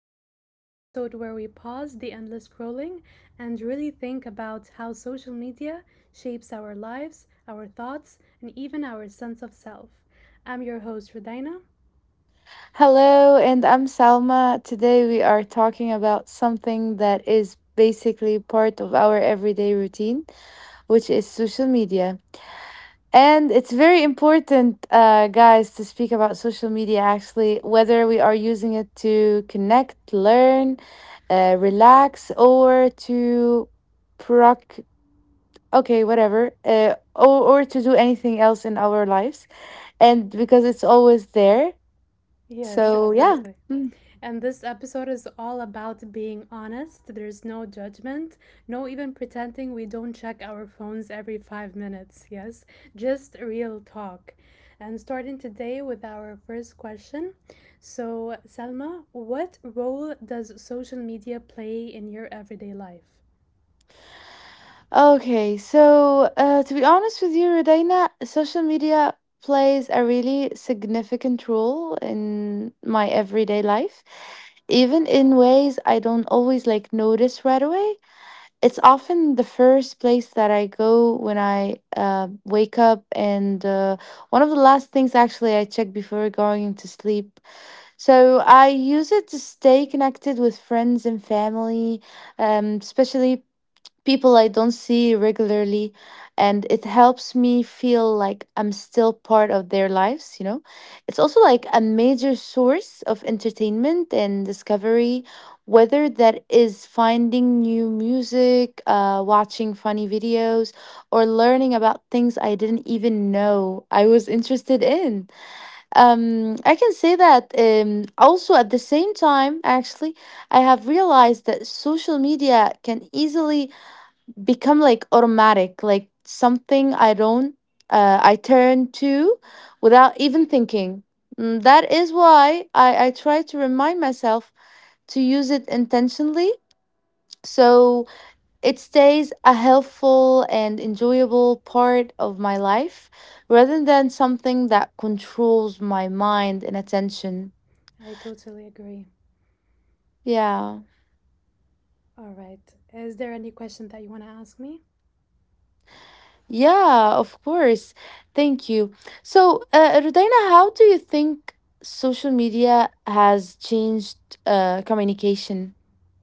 Talk, the episode where we pause the endless scrolling and really think about how social media shapes our lives, our thoughts, and even our sense of self. I'm your host, Rodina. Hello, and I'm Salma. Today we are talking about something that is basically part of our everyday routine, which is social media. And it's very important, guys, to speak about social media actually, whether we are using it to connect, learn, relax, or to proc. Okay, whatever, or to do anything else in our lives. And because it's always there. Yes, So, yeah. exactly. And this episode is all about being honest. There's no judgment, no even pretending we don't check our phones every 5 minutes. Yes, just real talk. And starting today with our first question. So, Salma, what role does social media play in your everyday life? Okay, so to be honest with you, Rodina, social media plays a really significant role in my everyday life, even in ways I don't always like notice right away. It's often the first place that I go when I wake up, and one of the last things actually I check before going to sleep. So I use it to stay connected with friends and family, especially people I don't see regularly, and it helps me feel like I'm still part of their lives, you know? It's also like a major source of entertainment and discovery, whether that is finding new music, watching funny videos, or learning about things I didn't even know I was interested in. I can say that also at the same time, actually, I have realized that social media can easily become like automatic, like something I don't, I turn to without even thinking. That is why I try to remind myself to use it intentionally so it stays a helpful and enjoyable part of my life rather than something that controls my mind and attention. I totally agree. Yeah. All right. Is there any question that you want to ask me? Yeah, of course. Thank you. So, Rodina, how do you think social media has changed communication?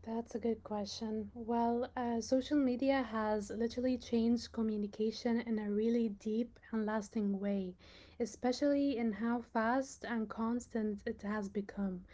That's a good question. Well, social media has literally changed communication in a really deep and lasting way, especially in how fast and constant it has become.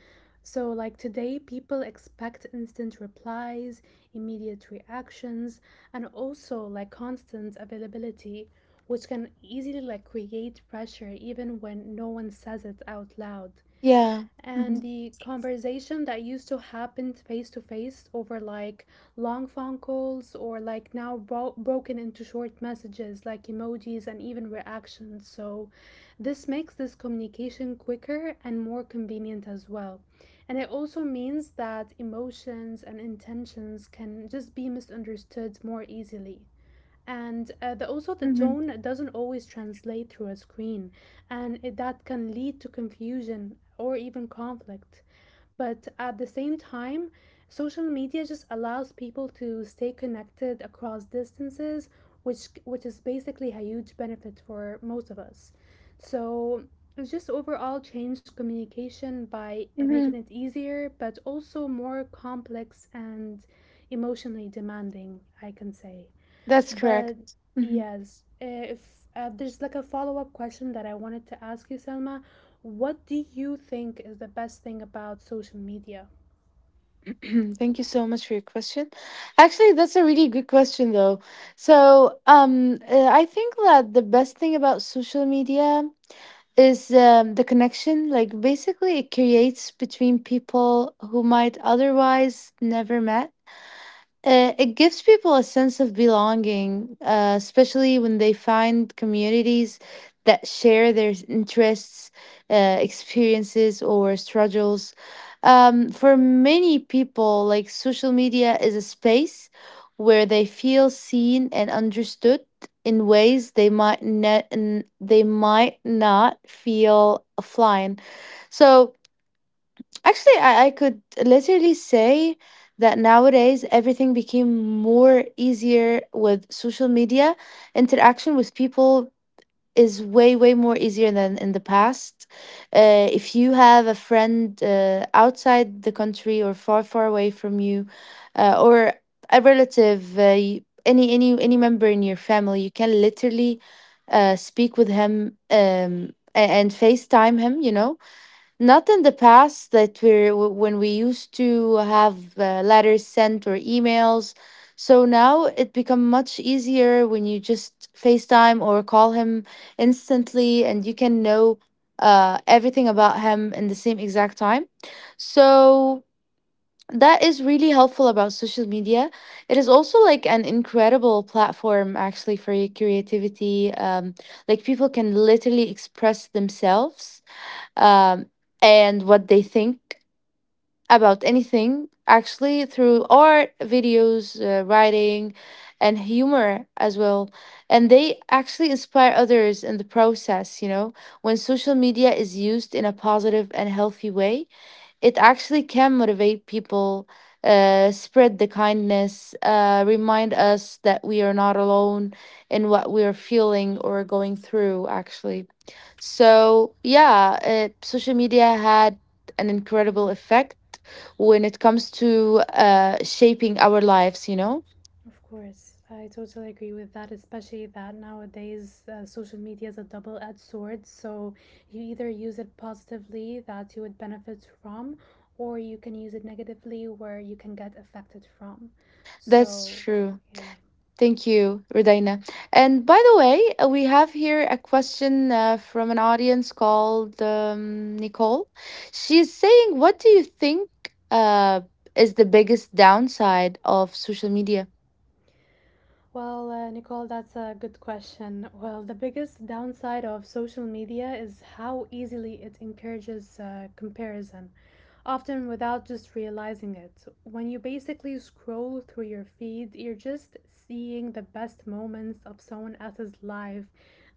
So, like today, people expect instant replies, immediate reactions, and also like constant availability, which can easily like create pressure even when no one says it out loud. Yeah. And Hmm. the conversation that used to happen face to face over like long phone calls or like now broken into short messages like emojis and even reactions. So, this makes this communication quicker and more convenient as well. And it also means that emotions and intentions can just be misunderstood more easily, and also the Hmm. tone doesn't always translate through a screen, and that can lead to confusion or even conflict. But at the same time, social media just allows people to stay connected across distances, which is basically a huge benefit for most of us. So it's just overall changed communication by making Hmm. it easier but also more complex and emotionally demanding, I can say. That's But correct. Hmm. yes, if there's like a follow-up question that I wanted to ask you, Selma, what do you think is the best thing about social media? Thank you so much for your question. Actually, that's a really good question, though. So, I think that the best thing about social media is the connection. Like, basically, it creates between people who might otherwise never met. It gives people a sense of belonging, especially when they find communities that share their interests, experiences, or struggles. For many people, like social media is a space where they feel seen and understood in ways they might not feel offline. So actually, I could literally say that nowadays everything became more easier with social media. Interaction with people is way, way more easier than in the past. If you have a friend outside the country or far, far away from you, or a relative, any member in your family, you can literally speak with him and FaceTime him, you know, not in the past that we're when we used to have letters sent or emails. So now it become much easier when you just FaceTime or call him instantly, and you can know everything about him in the same exact time. So that is really helpful about social media. It is also like an incredible platform actually for your creativity. Like people can literally express themselves um, and what they think about anything actually through art, videos, writing, and humor as well, and they actually inspire others in the process, you know. When social media is used in a positive and healthy way, it actually can motivate people, spread the kindness, remind us that we are not alone in what we are feeling or going through, actually. So, yeah, social media had an incredible Mm, effect when it comes to shaping our lives, you know? of course, I totally agree with that, especially that nowadays social media is a double edged sword. So you either use it positively, that you would benefit from, or you can use it negatively, where you can get affected from. That's So, true. yeah. Thank you, Rudaina. And by the way, we have here a question from an audience called Nicole. She's saying, what do you think uh, is the biggest downside of social media? Well, Nicole, that's a good question. Well, the biggest downside of social media is how easily it encourages comparison, often without just realizing it. When you basically scroll through your feed, you're just seeing the best moments of someone else's life,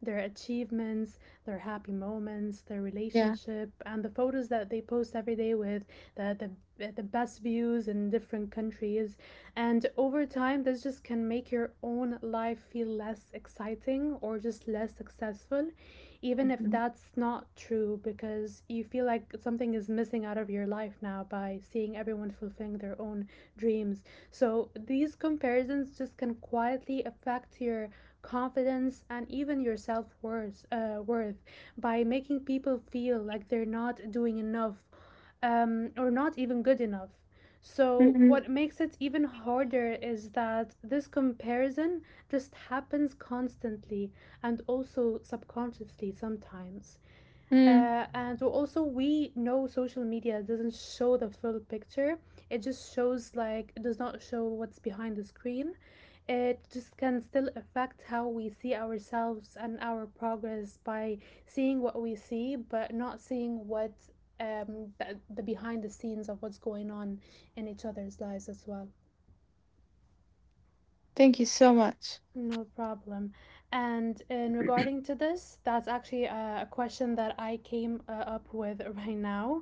their achievements, their happy moments, their Yeah. relationship, and the photos that they post every day with the, the best views in different countries. And over time, this just can make your own life feel less exciting or just less successful, even if that's not true, because you feel like something is missing out of your life now by seeing everyone fulfilling their own dreams. So these comparisons just can quietly affect your confidence, and even your self worth by making people feel like they're not doing enough or not even good enough. So, Mm-hmm. what makes it even harder is that this comparison just happens constantly and also subconsciously sometimes. And so also we know social media doesn't show the full picture. It just shows like it does not show what's behind the screen. It just can still affect how we see ourselves and our progress by seeing what we see, but not seeing what the behind the scenes of what's going on in each other's lives as well. Thank you so much. No problem. And in regarding to this, that's actually a question that I came up with right now.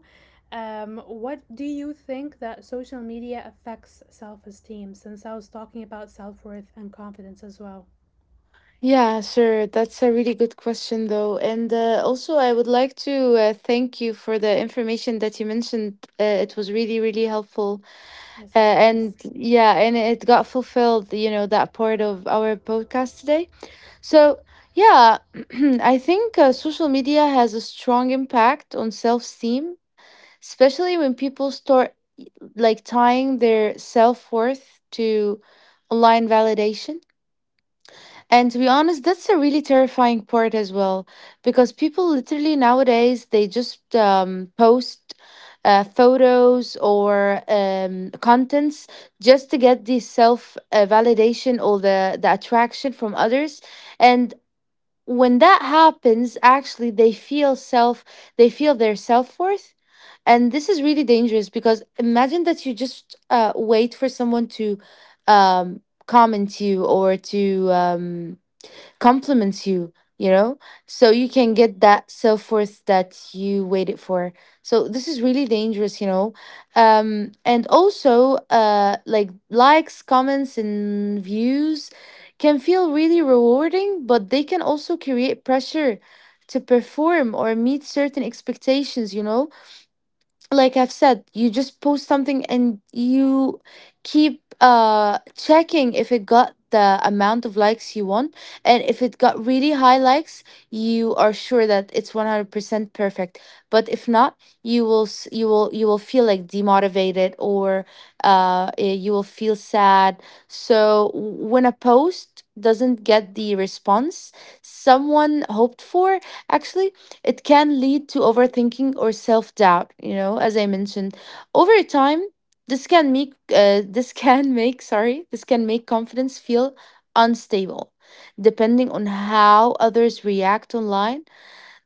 What do you think that social media affects self-esteem? Since I was talking about self-worth and confidence as well. Yeah, sure. That's a really good question, though. And also, I would like to thank you for the information that you mentioned. It was really, really helpful. Yes, of And course. yeah, and it got fulfilled, you know, that part of our podcast today. So, yeah, I think social media has a strong impact on self esteem, especially when people start like tying their self worth to online validation. And to be honest, that's a really terrifying part as well, because people literally nowadays they just post photos or contents just to get the self validation or the attraction from others, and when that happens, actually they feel self, they feel their self worth. And this is really dangerous because imagine that you just wait for someone to um, comment you or to compliments you, you know? So you can get that self worth that you waited for. So this is really dangerous, you know? And also, like likes, comments, and views can feel really rewarding, but they can also create pressure to perform or meet certain expectations, you know? Like I've said, you just post something and you keep checking if it got the amount of likes you want, and if it got really high likes, you are sure that it's 100% perfect. But if not, you will s- you will feel like demotivated or you will feel sad. So when a post doesn't get the response someone hoped for, actually it can lead to overthinking or self doubt, you know, as I mentioned. Over time, this can make this can make sorry, this can make confidence feel unstable depending on how others react online.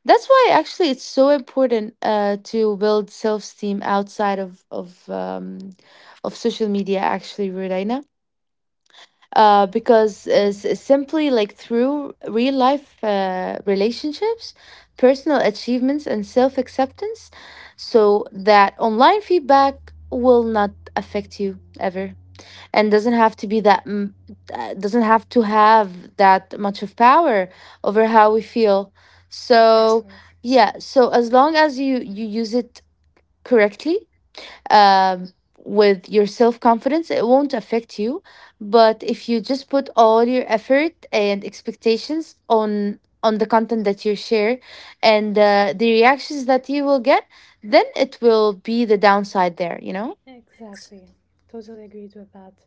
That's why actually it's so important to build self-esteem outside of of social media actually, Rudaina, because Mm, simply like through real life relationships, personal achievements, and self acceptance, so that online feedback will not affect you ever and doesn't have to be that doesn't have to have that much of power over how we feel. yes, of So course. yeah, so as long as you use it correctly, um, with your self confidence, it won't affect you. But if you just put all your effort and expectations on the content that you share and the reactions that you will get, then it will be the downside there. You know. Exactly. Totally agreed with that.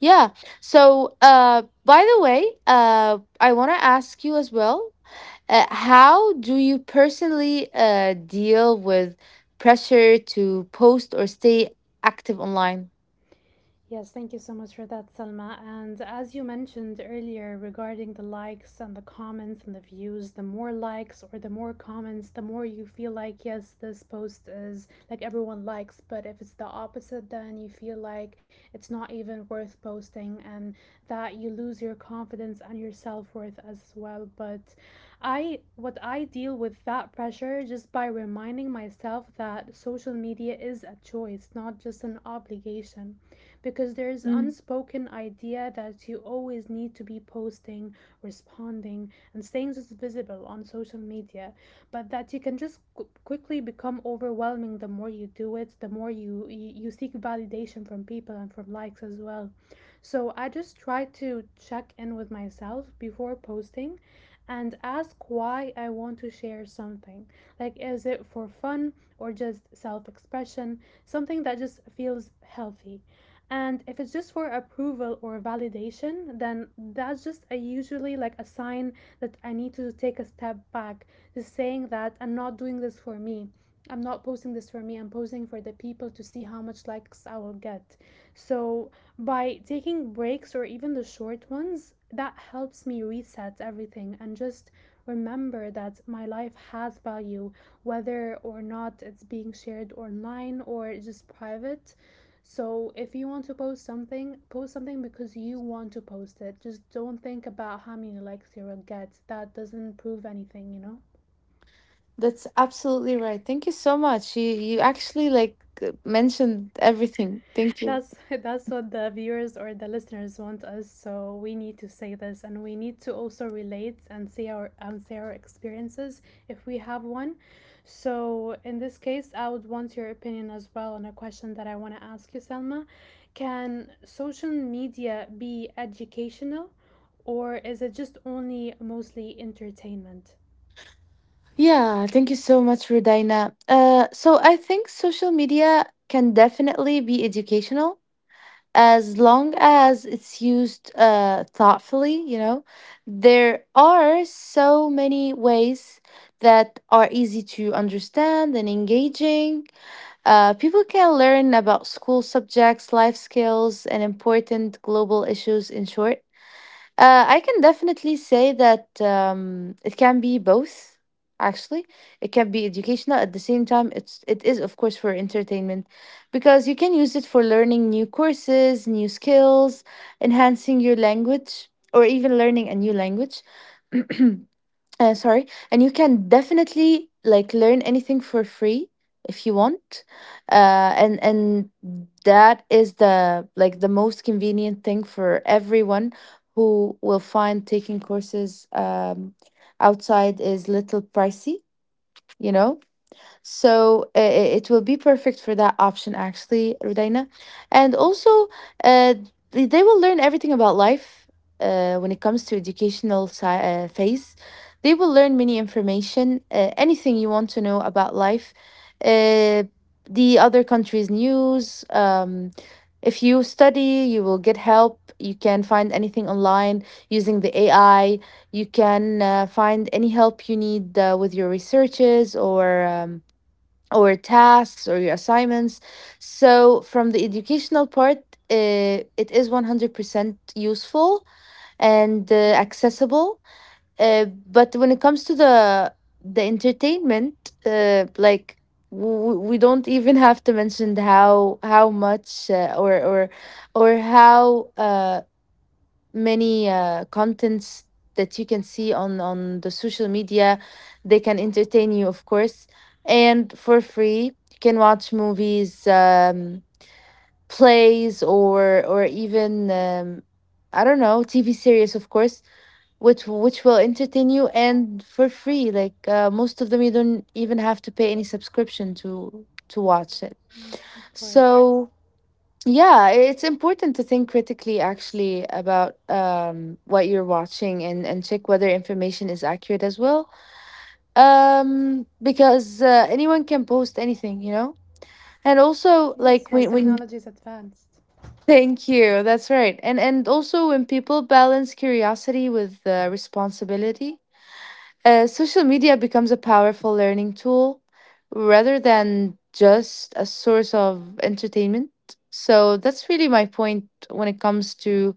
Yeah. So, by the way, I want to ask you as well, how do you personally deal with pressure to post or stay active online? Yes, thank you so much for that, Salma. And as you mentioned earlier regarding the likes and the comments and the views, the more likes or the more comments, the more you feel like, yes, this post is like everyone likes. But if it's the opposite, then you feel like it's not even worth posting and that you lose your confidence and your self worth as well. But I, what I deal with that pressure just by reminding myself that social media is a choice, not just an obligation, because there's Mm. unspoken idea that you always need to be posting, responding, and staying just visible on social media, but that you can just quickly become overwhelming the more you do it, the more you seek validation from people and from likes as well. So I just try to check in with myself before posting and ask why I want to share something. Like, is it for fun or just self expression? Something that just feels healthy. And if it's just for approval or validation, then that's just a usually like a sign that I need to take a step back, just saying that I'm not doing this for me. I'm not posting this for me. I'm posting for the people to see how much likes I will get. So, by taking breaks or even the short ones, that helps me reset everything and just remember that my life has value, whether or not it's being shared online or just private. So if you want to post something because you want to post it. Just don't think about how many likes you'll get. That doesn't prove anything, you know? That's absolutely right. Thank you so much. You actually like mentioned everything. Thank you. That's that's what the viewers or the listeners want us, so we need to say this and we need to also relate and see our and say our experiences if we have one. So in this case, I would want your opinion as well on a question that I want to ask you, Selma. Can social media be educational or is it just only mostly entertainment? Yeah, thank you so much, Rudaina. So I think social media can definitely be educational as long as it's used thoughtfully, you know, there are so many ways that are easy to understand and engaging. People can learn about school subjects, life skills, and important global issues in short. I can definitely say that it can be both. Actually, it can be educational at the same time. It is of course for entertainment, because you can use it for learning new courses, new skills, enhancing your language, or even learning a new language. Sorry, and you can definitely like learn anything for free if you want, and that is the like the most convenient thing for everyone who will find taking courses outside is little pricey, you know, so it will be perfect for that option, actually, Rudaina. And Mm, also, uh, they will learn everything about life when it comes to educational phase. They will learn many information, anything you want to know about life, uh, the other countries' news. If you study, you will get help. You can find anything online using the AI. You can find any help you need with your researches or. Or tasks or your assignments. So, from the educational part, it is 100% useful and mm, accessible. But when it comes to the entertainment, like we don't even have to mention how much or how many contents that you can see on the social media, they can entertain you of course, and for free you can watch movies, plays, or even, I don't know, tv series of course, which will entertain you, and for free, like most of them you don't even have to pay any subscription to watch it. mm, of course. So yeah, it's important to think critically actually about what you're watching and check whether information is accurate as well. Because anyone can post anything, you know? And Yes, also well, like technology is when advanced. thank you. That's right. And also when people balance curiosity with responsibility, social media becomes a powerful learning tool rather than just a source of entertainment. So that's really my point when it comes to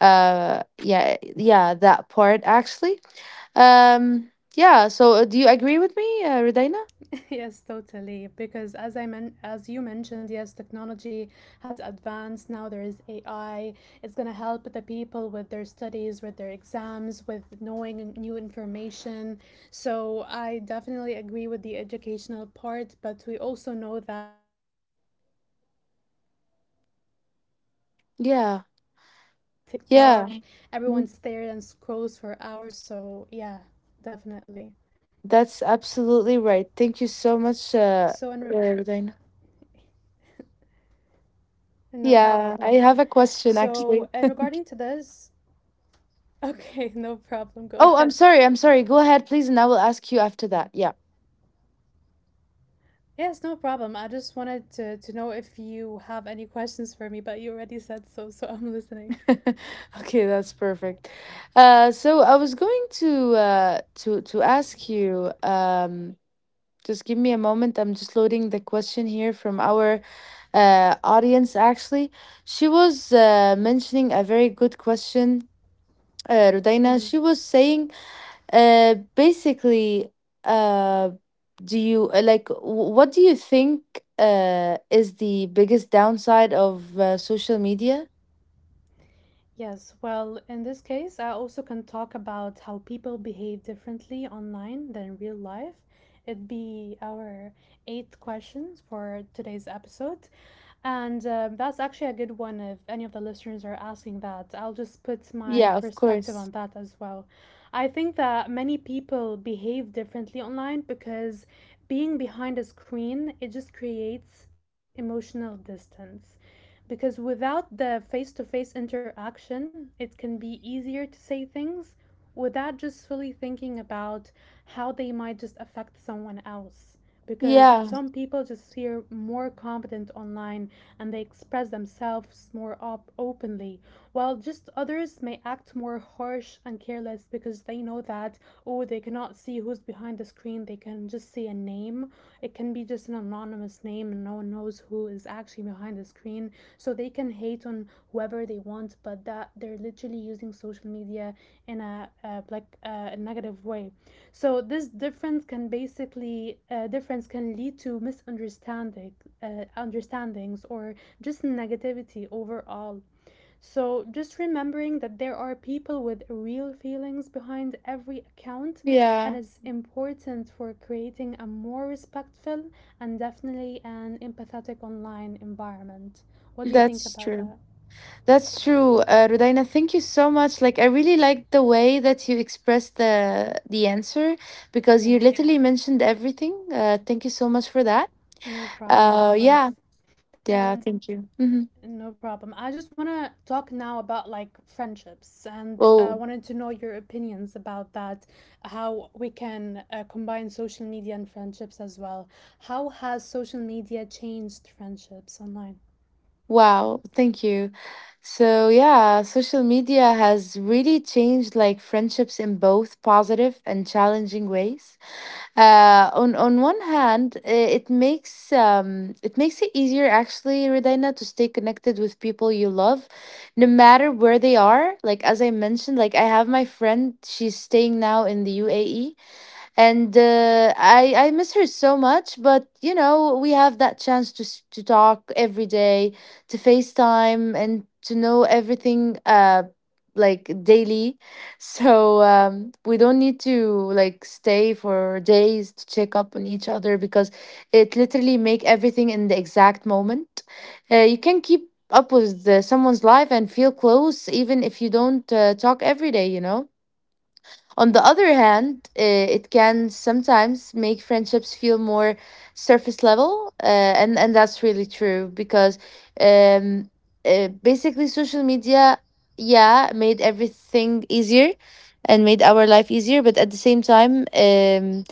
yeah, yeah, that part actually. um yeah, so do you agree with me, Redaina? Yes, totally. Because as you mentioned, yes, technology has advanced. Now there is AI. It's gonna help the people with their studies, with their exams, with knowing new information. So I definitely agree with the educational part, but we also know that it's all about entertainment as well, like TikTok. Everyone Yeah, sits there and scrolls for yeah. hours. So Mhm. yeah, definitely. That's So and re- absolutely right, thank you so much, Redaina. no problem. So, and Yeah, regarding I to have a this, question actually. okay, no problem. Go ahead. Oh, I'm sorry, go ahead please, and I will ask you after that, yeah. Yes, no problem. I just wanted to know if you have any questions for me, but you already said so, so I'm listening. Okay, that's perfect. So I was going to to ask you. Just give me a moment. I'm just loading the question here from our audience. Actually, she was mentioning a very good question, Hmm. Rudaina. She was saying, basically, uh, do you like what do you think is the biggest downside of social media? Yes, well, in this case, I also can talk about how people behave differently online than real life. It'd be our eighth questions for today's episode. And that's actually a good one if any of the listeners are asking that. I'll just put my Yeah, of perspective course. on that as well. I think that many people behave differently online because being behind a screen, it just creates emotional distance, because without the face to face interaction, it can be easier to say things without just fully thinking about how they might just affect someone else. Because Yeah. some people just feel more confident online and they express themselves more openly, while just others may act more harsh and careless because they know that, oh, they cannot see who's behind the screen, they can just see a name. It can be just an anonymous name and no one knows who is actually behind the screen. So they can hate on whoever they want, but that they're literally using social media in a a negative way. So this difference can basically difference can lead to misunderstanding understandings or just negativity overall. So, just remembering that there are people with real feelings behind every account Yeah, and is important for creating a more respectful and definitely an empathetic online environment. What do you that's think about true. that? That's true, Rudaina. Thank you so much. Like, I really liked the way that you expressed the answer because you Yeah, literally mentioned everything. Thank you so much for that. no problem, of Yeah, course. yeah. And Thank you. No problem. I just want to talk now about like friendships and I Oh, wanted to know your opinions about that, how we can combine social media and friendships as well. How has social media changed friendships online? wow. Thank you. So yeah, social media has really changed like friendships in both positive and challenging ways. On one hand, it makes it makes it easier actually, Redina, to stay connected with people you love, no matter where they are. Like, as I mentioned, like I have my friend; she's staying now in the UAE, and I miss her so much. But you know, we have that chance to talk every day, to FaceTime, and to know everything. Like daily. So we don't need to like stay for days to check up on each other because it literally make everything in the exact moment. You can keep up with someone's life and feel close even if you don't talk every day, you know. On the other hand, it can sometimes make friendships feel more surface level, and Mhm. and that's really true because um, basically social media, yeah, made everything easier, and made our life easier, but at the same time,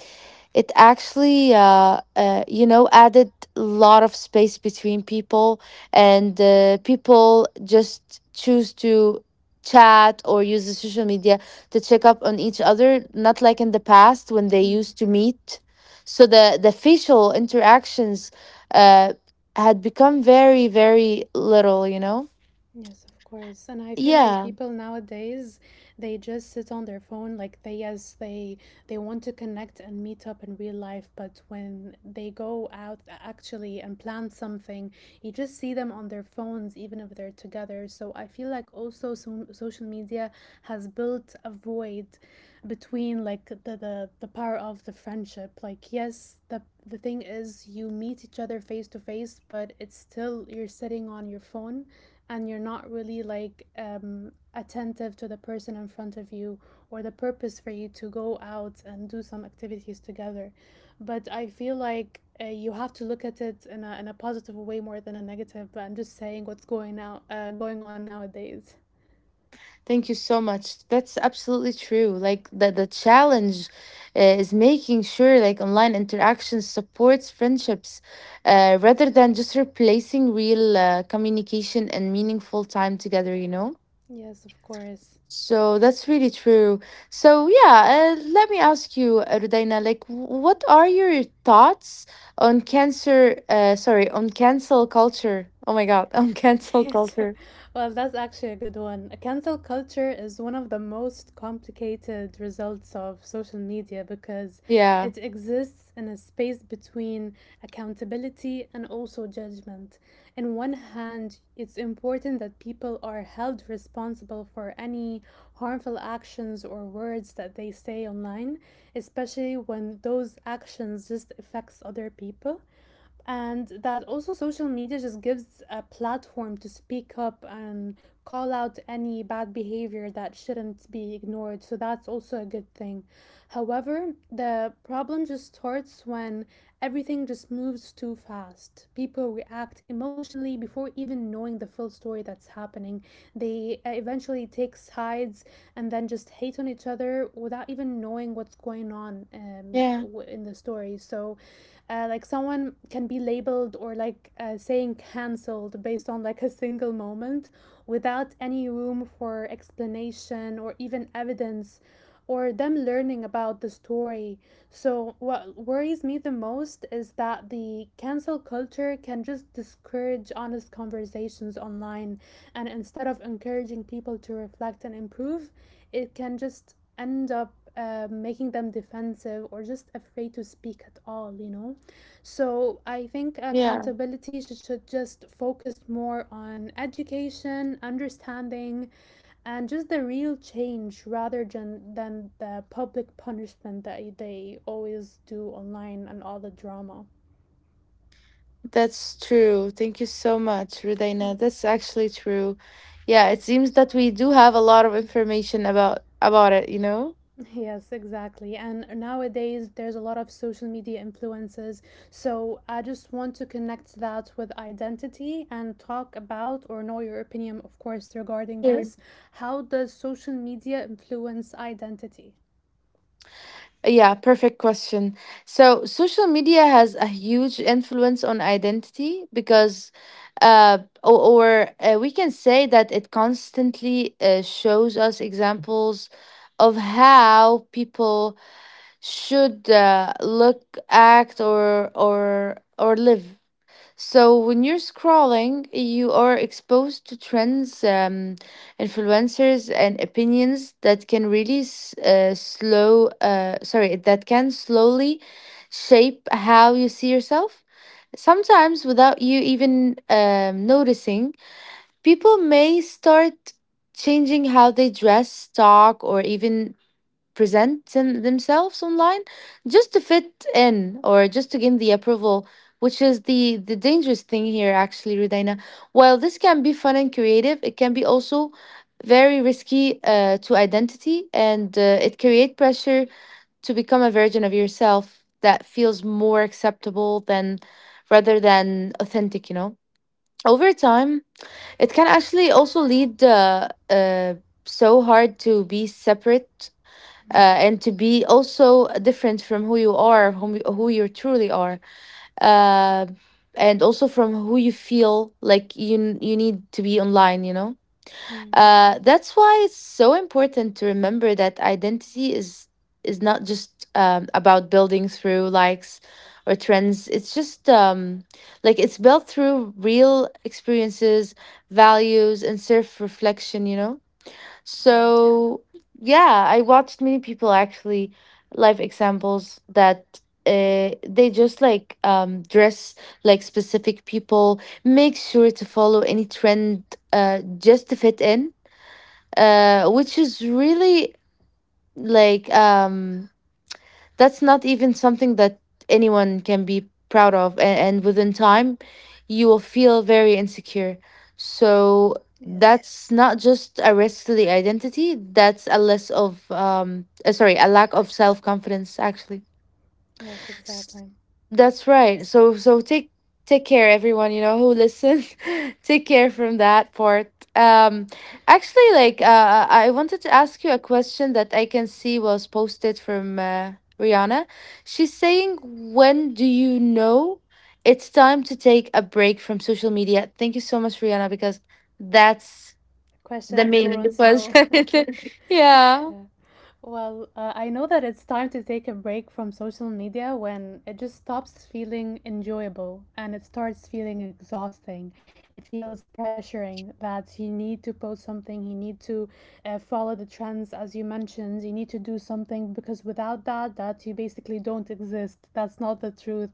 it actually you know, added a lot of space between people, and people just choose to chat or use the social media to check up on each other, not like in the past when they Mm. used to meet. So the facial interactions uh, had become very, very little, you know. Yes, of course. And I feel like Yeah, people nowadays, they just sit on their phone, like they, yes, they want to connect and meet up in real life, but when they go out actually and plan something, you just see them on their phones, even if they're together. So I feel like also social media has built a void between like the power of the friendship, like yes, the thing is you meet each other face to face but it's still you're sitting on your phone and you're not really like attentive to the person in front of you or the purpose for you to go out and do some activities together. But I feel like you have to look at it in in a positive way more than a negative. But I'm just saying what's going going on nowadays. thank you so much. That's absolutely true. Like the challenge is making sure like online interaction supports friendships, rather than just replacing real communication and meaningful time together, you know? Yes, of course. So that's really true. So yeah, let me ask you, Rudaina, like, what are your thoughts on cancer? Sorry, on cancel culture. Oh my God, on cancel Yes. culture. Well, that's actually a good one. Cancel culture is one of the most complicated results of social media because Yeah, it exists in a space between accountability and also judgment. In one hand, it's important that people are held responsible for any harmful actions or words that they say online, especially when those actions just affects other people, and that also social media just gives a platform to speak up and call out any bad behavior that shouldn't be ignored, so that's also a good thing. However, the problem just starts when everything just moves too fast. People react emotionally before even knowing the full story that's happening. They eventually take sides and then just hate on each other without even knowing what's going on, yeah, in the story. So, like someone can be labeled or like saying cancelled based on like a single moment without any room for explanation or even evidence, or them learning about the story. So, what worries me the most is that the cancel culture can just discourage honest conversations online. And instead of encouraging people to reflect and improve, it can just end up making them defensive or just afraid to speak at all, you know? So I think yeah. accountability should just focus more on education, understanding, and just the real change rather than, the public punishment that they always do online and all the drama. That's true. Thank you so much, Rudaina. That's actually true. Yeah, it seems that we do have a lot of information about it. You know. Yes, exactly. And nowadays, there's a lot of social media influences. So I just want to connect that with identity and talk about, or know your opinion, of course, regarding this. How does social media influence identity? Yeah, perfect question. So, social media has a huge influence on identity because, or we can say that it constantly shows us examples of how people should look, act, or live. So when you're scrolling, you are exposed to trends, influencers, and opinions that can really slow. Sorry, that can slowly shape how you see yourself. Sometimes, without you even noticing, people may start changing how they dress, talk, or even themselves online just to fit in or just to gain the approval, which is the dangerous thing here, actually, Rudaina. While this can be fun and creative, it can be also very risky to identity, and it create pressure to become a version of yourself that feels more acceptable than rather than authentic, you know? Over time, it can actually also lead so hard to be separate, Mm. And to be also different from who you are, who you truly are, uh, and also from who you feel like you need to be online. You know, Mm. That's why it's so important to remember that identity is not just about building through likes or trends. It's just like it's built through real experiences, values, and self reflection. You know. Yeah. So yeah, I watched many people actually, life examples that they just like dress like specific people, make sure to follow any trend, just to fit in, which is really like that's not even something that anyone can be proud of, and within time you will feel very insecure, so Yes. that's not just a risk to the identity, that's a less of sorry, a lack of self-confidence actually. Yes, exactly. That's right. So take care everyone, you know, who listens. Take care from that part. Actually, like I wanted to ask you a question that I can see was posted from Rihanna. She's saying, "When do you know it's time to take a break from social media?" Thank you so much, Rihanna, because that's Question the everyone main wants to know. question. Yeah. yeah. Well, I know that it's time to take a break from social media when it just stops feeling enjoyable and it starts feeling exhausting. It feels pressuring that you need to post something, you need to follow the trends, as you mentioned, you need to do something because without that, you basically don't exist. That's not the truth.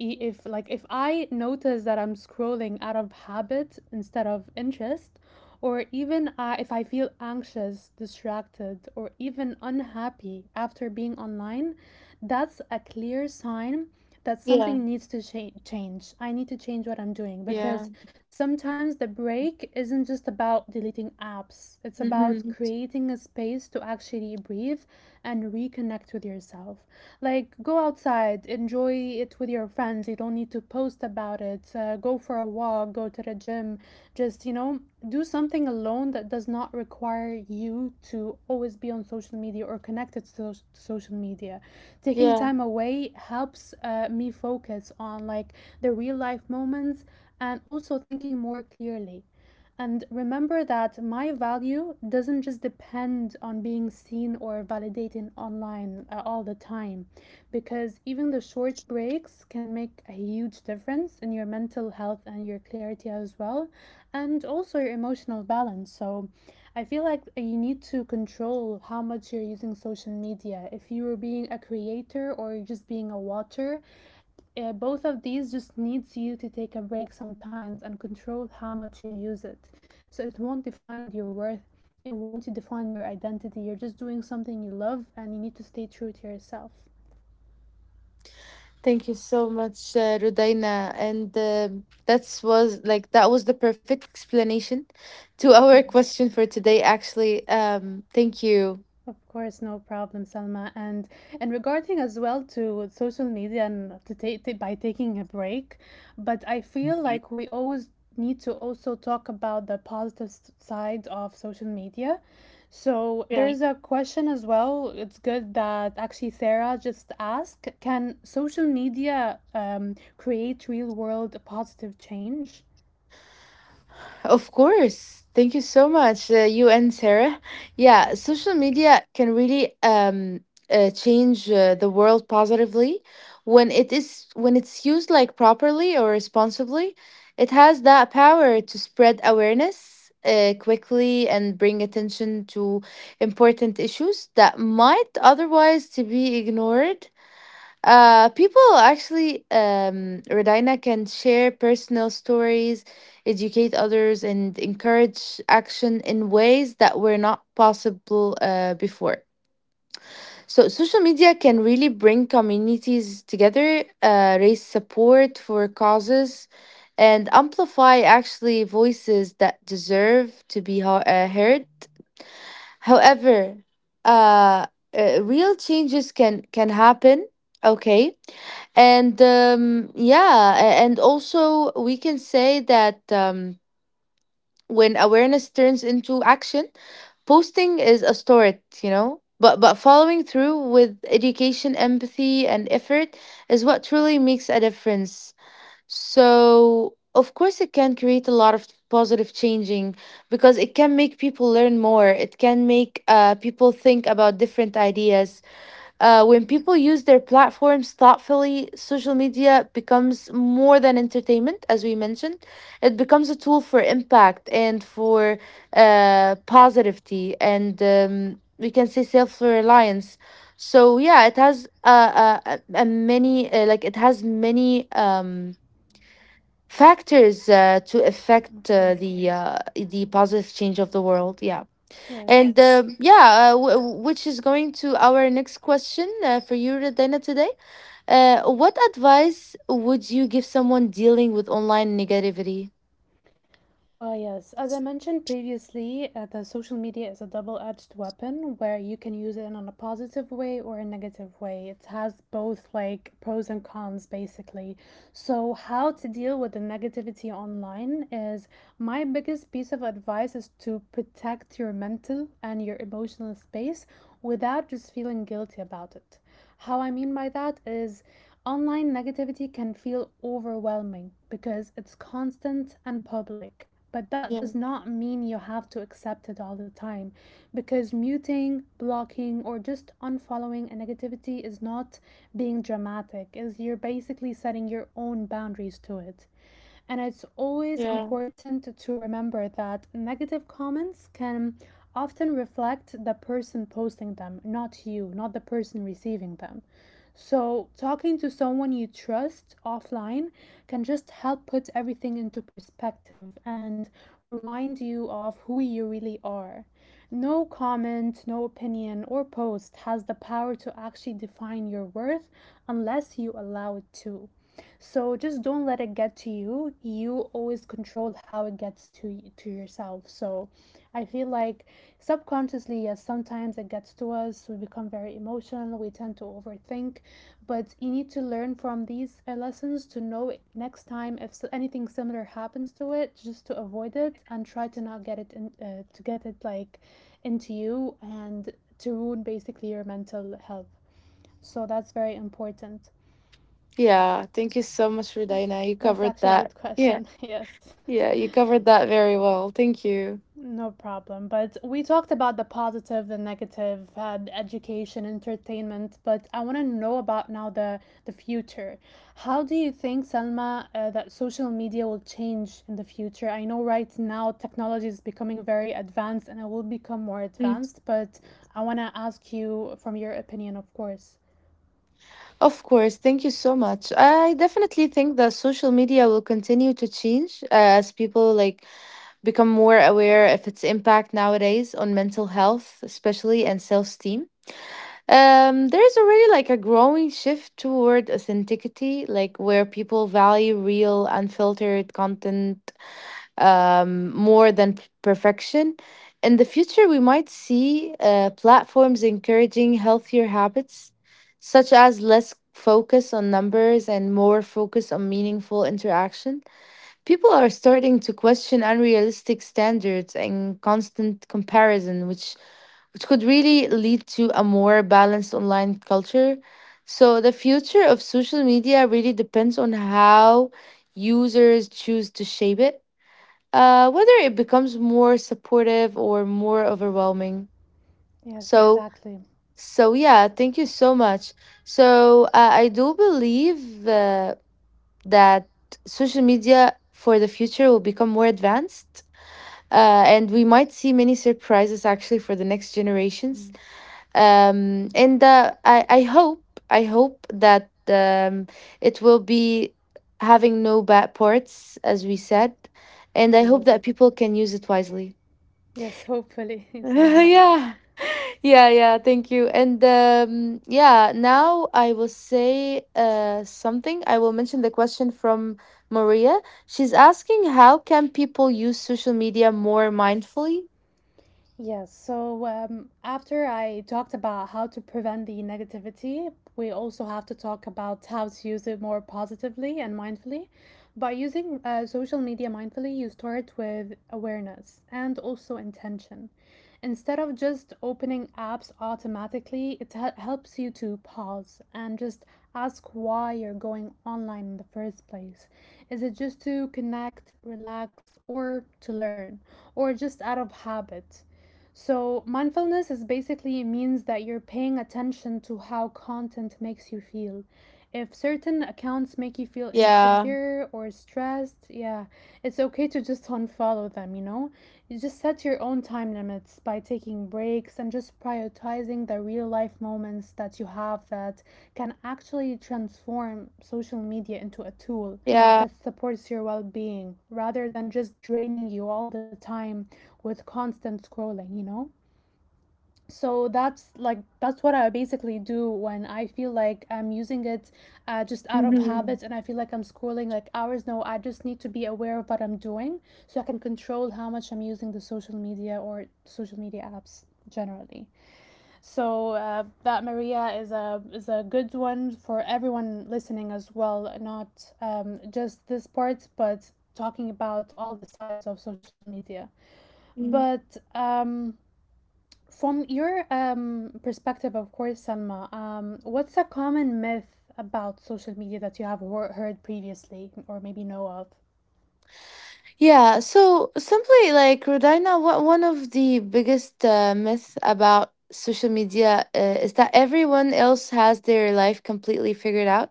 If like if I notice that I'm scrolling out of habit instead of interest, or even if I feel anxious, distracted, or even unhappy after being online, that's a clear sign that Yeah. something needs to change. I need to change what I'm doing, because sometimes the break isn't just about deleting apps, it's about Mm-hmm. creating a space to actually breathe and reconnect with yourself. Like, go outside, enjoy it with your friends. You don't need to post about it. Go for a walk, go to the gym. Just, you know, do something alone that does not require you to always be on social media or connected to social media. Taking Yeah. Mhm. time away helps me focus on like the real life moments and also thinking more clearly. And remember that my value doesn't just depend on being seen or validated online all the time, because even the short breaks can make a huge difference in your mental health and your clarity as well, and also your emotional balance. So I feel like you need to control how much you're using social media. If you are being a creator or just being a watcher, both of these just needs you to take a break sometimes and control how much you use it, so it won't define your worth, it won't define your identity. You're just doing something you love and you need to stay true to yourself. Thank you so much, Rudaina. And that was the perfect explanation to yeah. our question for today. Actually, thank you. Of course, no problem, Salma. And regarding as well to social media and to take by taking a break, but I feel like we always need to also talk about the positive side of social media. So Yeah. there's a question as well. It's good that actually Sarah just asked, can social media create real world positive change? Of course. Thank you so much, you and Sarah. Yeah, social media can really change the world positively when it's used like properly or responsibly. It has that power to spread awareness quickly and bring attention to important issues that might otherwise to be ignored. People actually, Redina, can share personal stories, educate others, and encourage action in ways that were not possible before. So, social media can really bring communities together, raise support for causes, and amplify actually voices that deserve to be heard. However, uh, real changes can happen. Okay, and yeah, and also we can say that when awareness turns into action, posting is a start. You know, but following through with education, empathy, and effort is what truly makes a difference. So, of course, it can create a lot of positive changing because it can make people learn more. It can make people think about different ideas. When people use their platforms thoughtfully, social media becomes more than entertainment, as we mentioned. It becomes a tool for impact and for positivity, and we can say self reliance. So, yeah, it has a many, like, it has many. Factors to Of affect course. The positive change of the world, yeah. Yes. And yeah, which is going to our next question for you, Radena, today. What advice would you give someone dealing with online negativity? Well, yes. As I mentioned previously, the social media is a double-edged weapon where you can use it in a positive way or a negative way. It has both like pros and cons basically. So, how to deal with the negativity online is, my biggest piece of advice is to protect your mental and your emotional space without just feeling guilty about it. How I mean by that is, online negativity can feel overwhelming because it's constant and public. But that Yeah, does not mean you have to accept it all the time, because muting, blocking, or just unfollowing a negativity is not being dramatic, is you're basically setting your own boundaries to it. And it's always yeah, important to remember that negative comments can often reflect the person posting them, not you, not the person receiving them. So, talking to someone you trust offline can just help put everything into perspective and remind you of who you really are. No comment, no opinion, or post has the power to actually define your worth unless you allow it to. So just don't let it get to you. You always control how it gets to yourself. So I feel like subconsciously, yes, sometimes it gets to us. We become very emotional. We tend to overthink, but you need to learn from these lessons to know next time if anything similar happens to it, just to avoid it and try to not get it to get it like into you and to ruin basically your mental health. So that's very important. yeah, thank you so much, Radena, you That's covered actually a that. good Yeah, question. Yes, yeah, you covered that very well, thank you. no problem. But we talked about the positive, the negative, the education, entertainment. But I want to know about now the future. How do you think, Selma, that social media will change in the future? I know right now technology is becoming very advanced, and it will become more Mm. advanced. But I want to ask you from your opinion, of course. Of course, thank you so much. I definitely think that social media will continue to change as people like become more aware of its impact nowadays on mental health, especially, and self-esteem. There's already like a growing shift toward authenticity, like where people value real, unfiltered content, more than perfection. In the future, we might see platforms encouraging healthier habits, such as less focus on numbers and more focus on meaningful interaction. People are starting to question unrealistic standards and constant comparison, which could really lead to a more balanced online culture. So, the future of social media really depends on how users choose to shape it, whether it becomes more supportive or more overwhelming. Yes, So, exactly. so, yeah, thank you so much. So, I do believe that social media for the future will become more advanced, and we might see many surprises actually for the next Mm. generations. And I hope that it will be having no bad parts, as we said, and We I hope. hope that people can use it wisely. Yes, hopefully, Selma. Yeah, yeah, yeah. Thank you. And yeah, now I will say something. I will mention the question from Maria. She's asking, how can people use social media more mindfully? Yes, so after I talked about how to prevent the negativity, we also have to talk about how to use it more positively and mindfully. By using social media mindfully, you start with awareness and also intention. Instead of just opening apps automatically, it helps you to pause and just ask why you're going online in the first place. Is it just to connect, relax, or to learn, or just out of habit? So, mindfulness is basically means that you're paying attention to how content makes you feel. If certain accounts make you feel Yeah. insecure or stressed, yeah, it's okay to just unfollow them, you know? You just set your own time limits by taking breaks and just prioritizing the real life moments that you have that can actually transform social media into a tool Yeah. that supports your well being rather than just draining you all the time with constant scrolling, you know? So that's like that's what I basically do when I feel like I'm using it just out of Mhm. habit and I feel like I'm scrolling like hours. No, I just need to be aware of what I'm doing, so I can control how much I'm using the social media or social media apps generally. So that Maria is a good one for everyone listening as well, not just this part, but talking about all the sides of social media. Mm. But from your perspective, of course, Salma, what's a common myth about social media that you have heard previously or maybe know of? Yeah, so simply like Rodina, what one of the biggest myths about social media is that everyone else has their life completely figured out.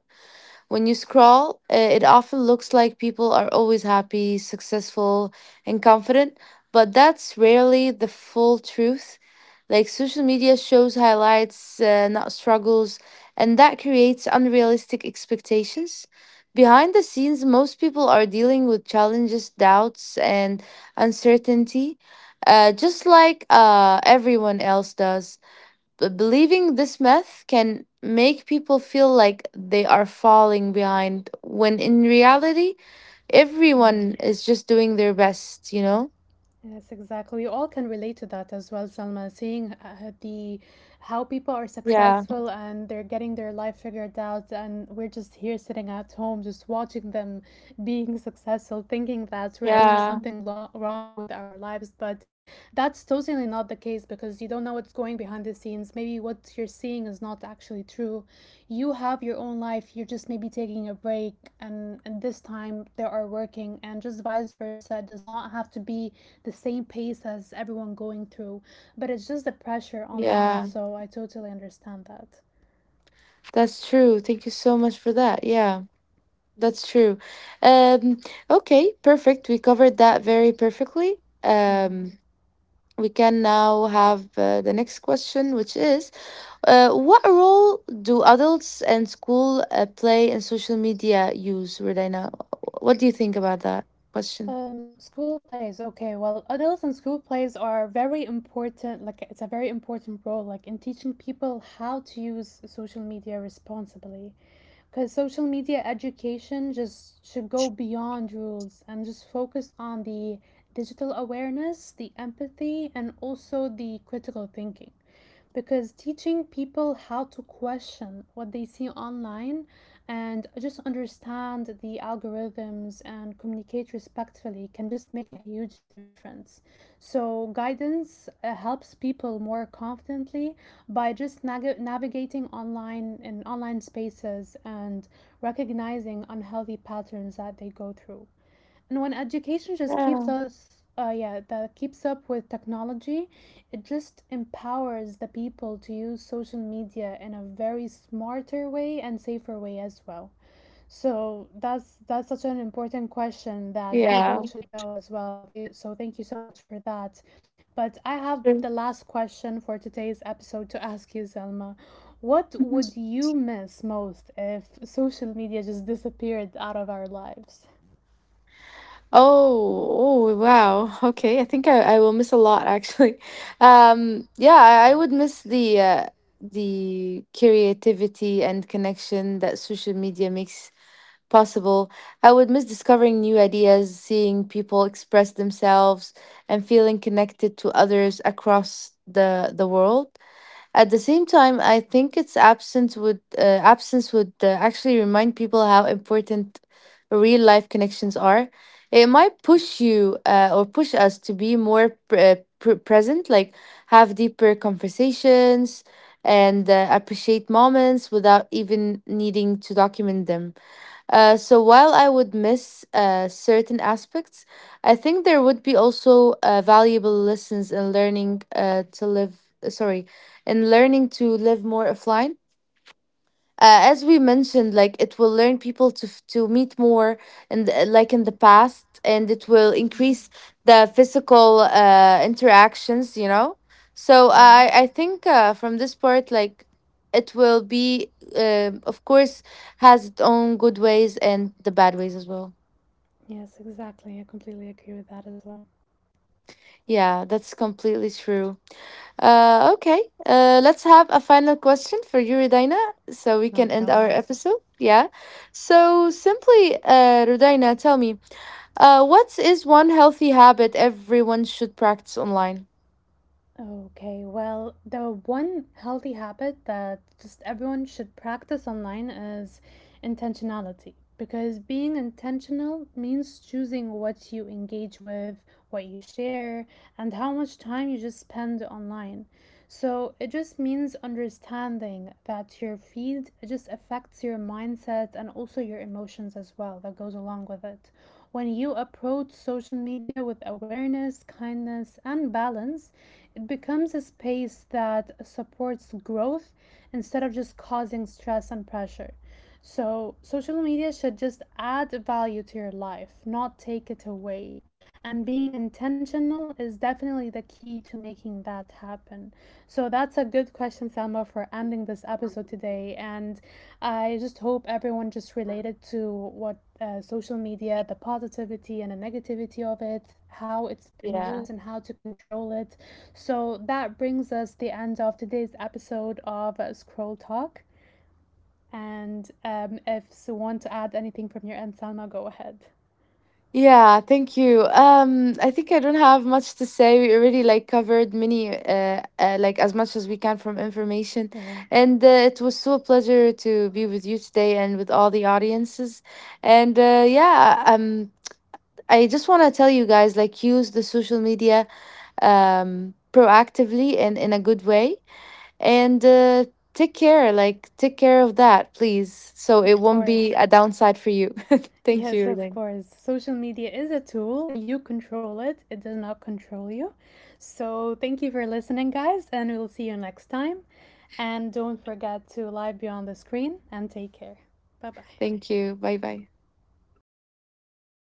When you scroll, it often looks like people are always happy, successful, and confident, but that's rarely the full truth. Like social media shows highlights, not struggles, and that creates unrealistic expectations. Behind the scenes, most people are dealing with challenges, doubts, and uncertainty, just like everyone else does. Believing this myth can make people feel like they are falling behind when in reality Yeah, everyone is just doing their best, you know. yes, exactly. We all can relate to that as well, Salma. Seeing the, how people are Yeah, successful and they're getting their life figured out, and we're just here sitting at home, just watching them being successful, thinking that we're doing yeah, something wrong with our lives, but that's totally not the case, because you don't know what's going behind the scenes. Maybe what you're seeing is not actually true. You have your own life. You're just maybe taking a break, and this time they are working, and just vice versa. It does not have to be the same pace as everyone going through, but it's just the pressure online. yeah, So I totally understand that. that's true, thank you so much for that, yeah, that's true. um okay, perfect, we covered that very perfectly. Mm-hmm. um we can now have the next question, which is: What role do adults and school play in social media use, Redina? What do you think about that question? School plays. Okay, well, adults and school plays are very important. Like, it's a very important role, like in teaching people how to use social media responsibly. Because social media education just should go beyond rules and just focus on the digital awareness, the empathy, and also the critical thinking, because teaching people how to question what they see online and just understand the algorithms and communicate respectfully can just make a huge difference. So, guidance helps people more confidently by just navigating online in online spaces and recognizing unhealthy patterns that they go through. And when education just Yeah. keeps us that keeps up with technology, it just empowers the people to use social media in a very smarter way and safer way as well. So that's such an important question that Yeah. people should know as well. So thank you so much for that. But I have True. the last question for today's episode to ask you, Selma, what Mhm. would you miss most if social media just disappeared out of our lives? Oh, wow. Okay. I think I will miss a lot actually. Yeah, I would miss the creativity and connection that social media makes possible. I would miss discovering new ideas, seeing people express themselves, and feeling connected to others across the world. At the same time, I think its absence would actually remind people how important real life connections are. It might push you or push us to be more present, like have deeper conversations, and appreciate moments without even needing to document them. So while I would miss certain aspects, I think there would be also valuable lessons in sorry, in learning to live more offline, as we mentioned. Like it will learn people to meet more, and like in the past, and it will Mhm. increase the physical interactions, you know. So Yeah. I think from this part, like it will be, of course, has its own good ways and the bad ways as well, Yes, exactly. I completely agree with that as well. yeah, that's completely true. Okay. Let's have a final question for you, Rudaina, so we No can end our problem. episode. Yeah. So simply, Rudaina, tell me, what is one healthy habit everyone should practice online? Okay, well, the one healthy habit that just everyone should practice online is intentionality. Because being intentional means choosing what you engage with, what you share, and how much time you just spend online. So it just means understanding that your feed just affects your mindset and also your emotions as well, that goes along with it. When you approach social media with awareness, kindness, and balance, it becomes a space that supports growth instead of just causing stress and pressure. So, social media should just add value to your life, not take it away. And being intentional is definitely the key to making that happen. So, that's a good question, Selma, for ending this episode today. And I just hope everyone just related to what social media, the positivity and the negativity of it, how it's been Yeah. used, and how to control it. So that brings us the end of today's episode of Scroll Talk. And if you want to add anything from your end, Salma, go ahead. Yeah, thank you. I think I don't have much to say. We already like covered many, like as much as we can from information, Yeah, and it was so a pleasure to be with you today and with all the audiences. And yeah, I just want to tell you guys like use the social media proactively and in a good way, and take care. Like take care of that, please, so it of won't be course. a downside for you. Thank Yes, you, of Ling. course. Social media is a tool. You control it, it does not control you. So, thank you for listening, guys, and we'll see you next time. And don't forget to live beyond the screen and take care. Bye bye. Thank you. Bye bye.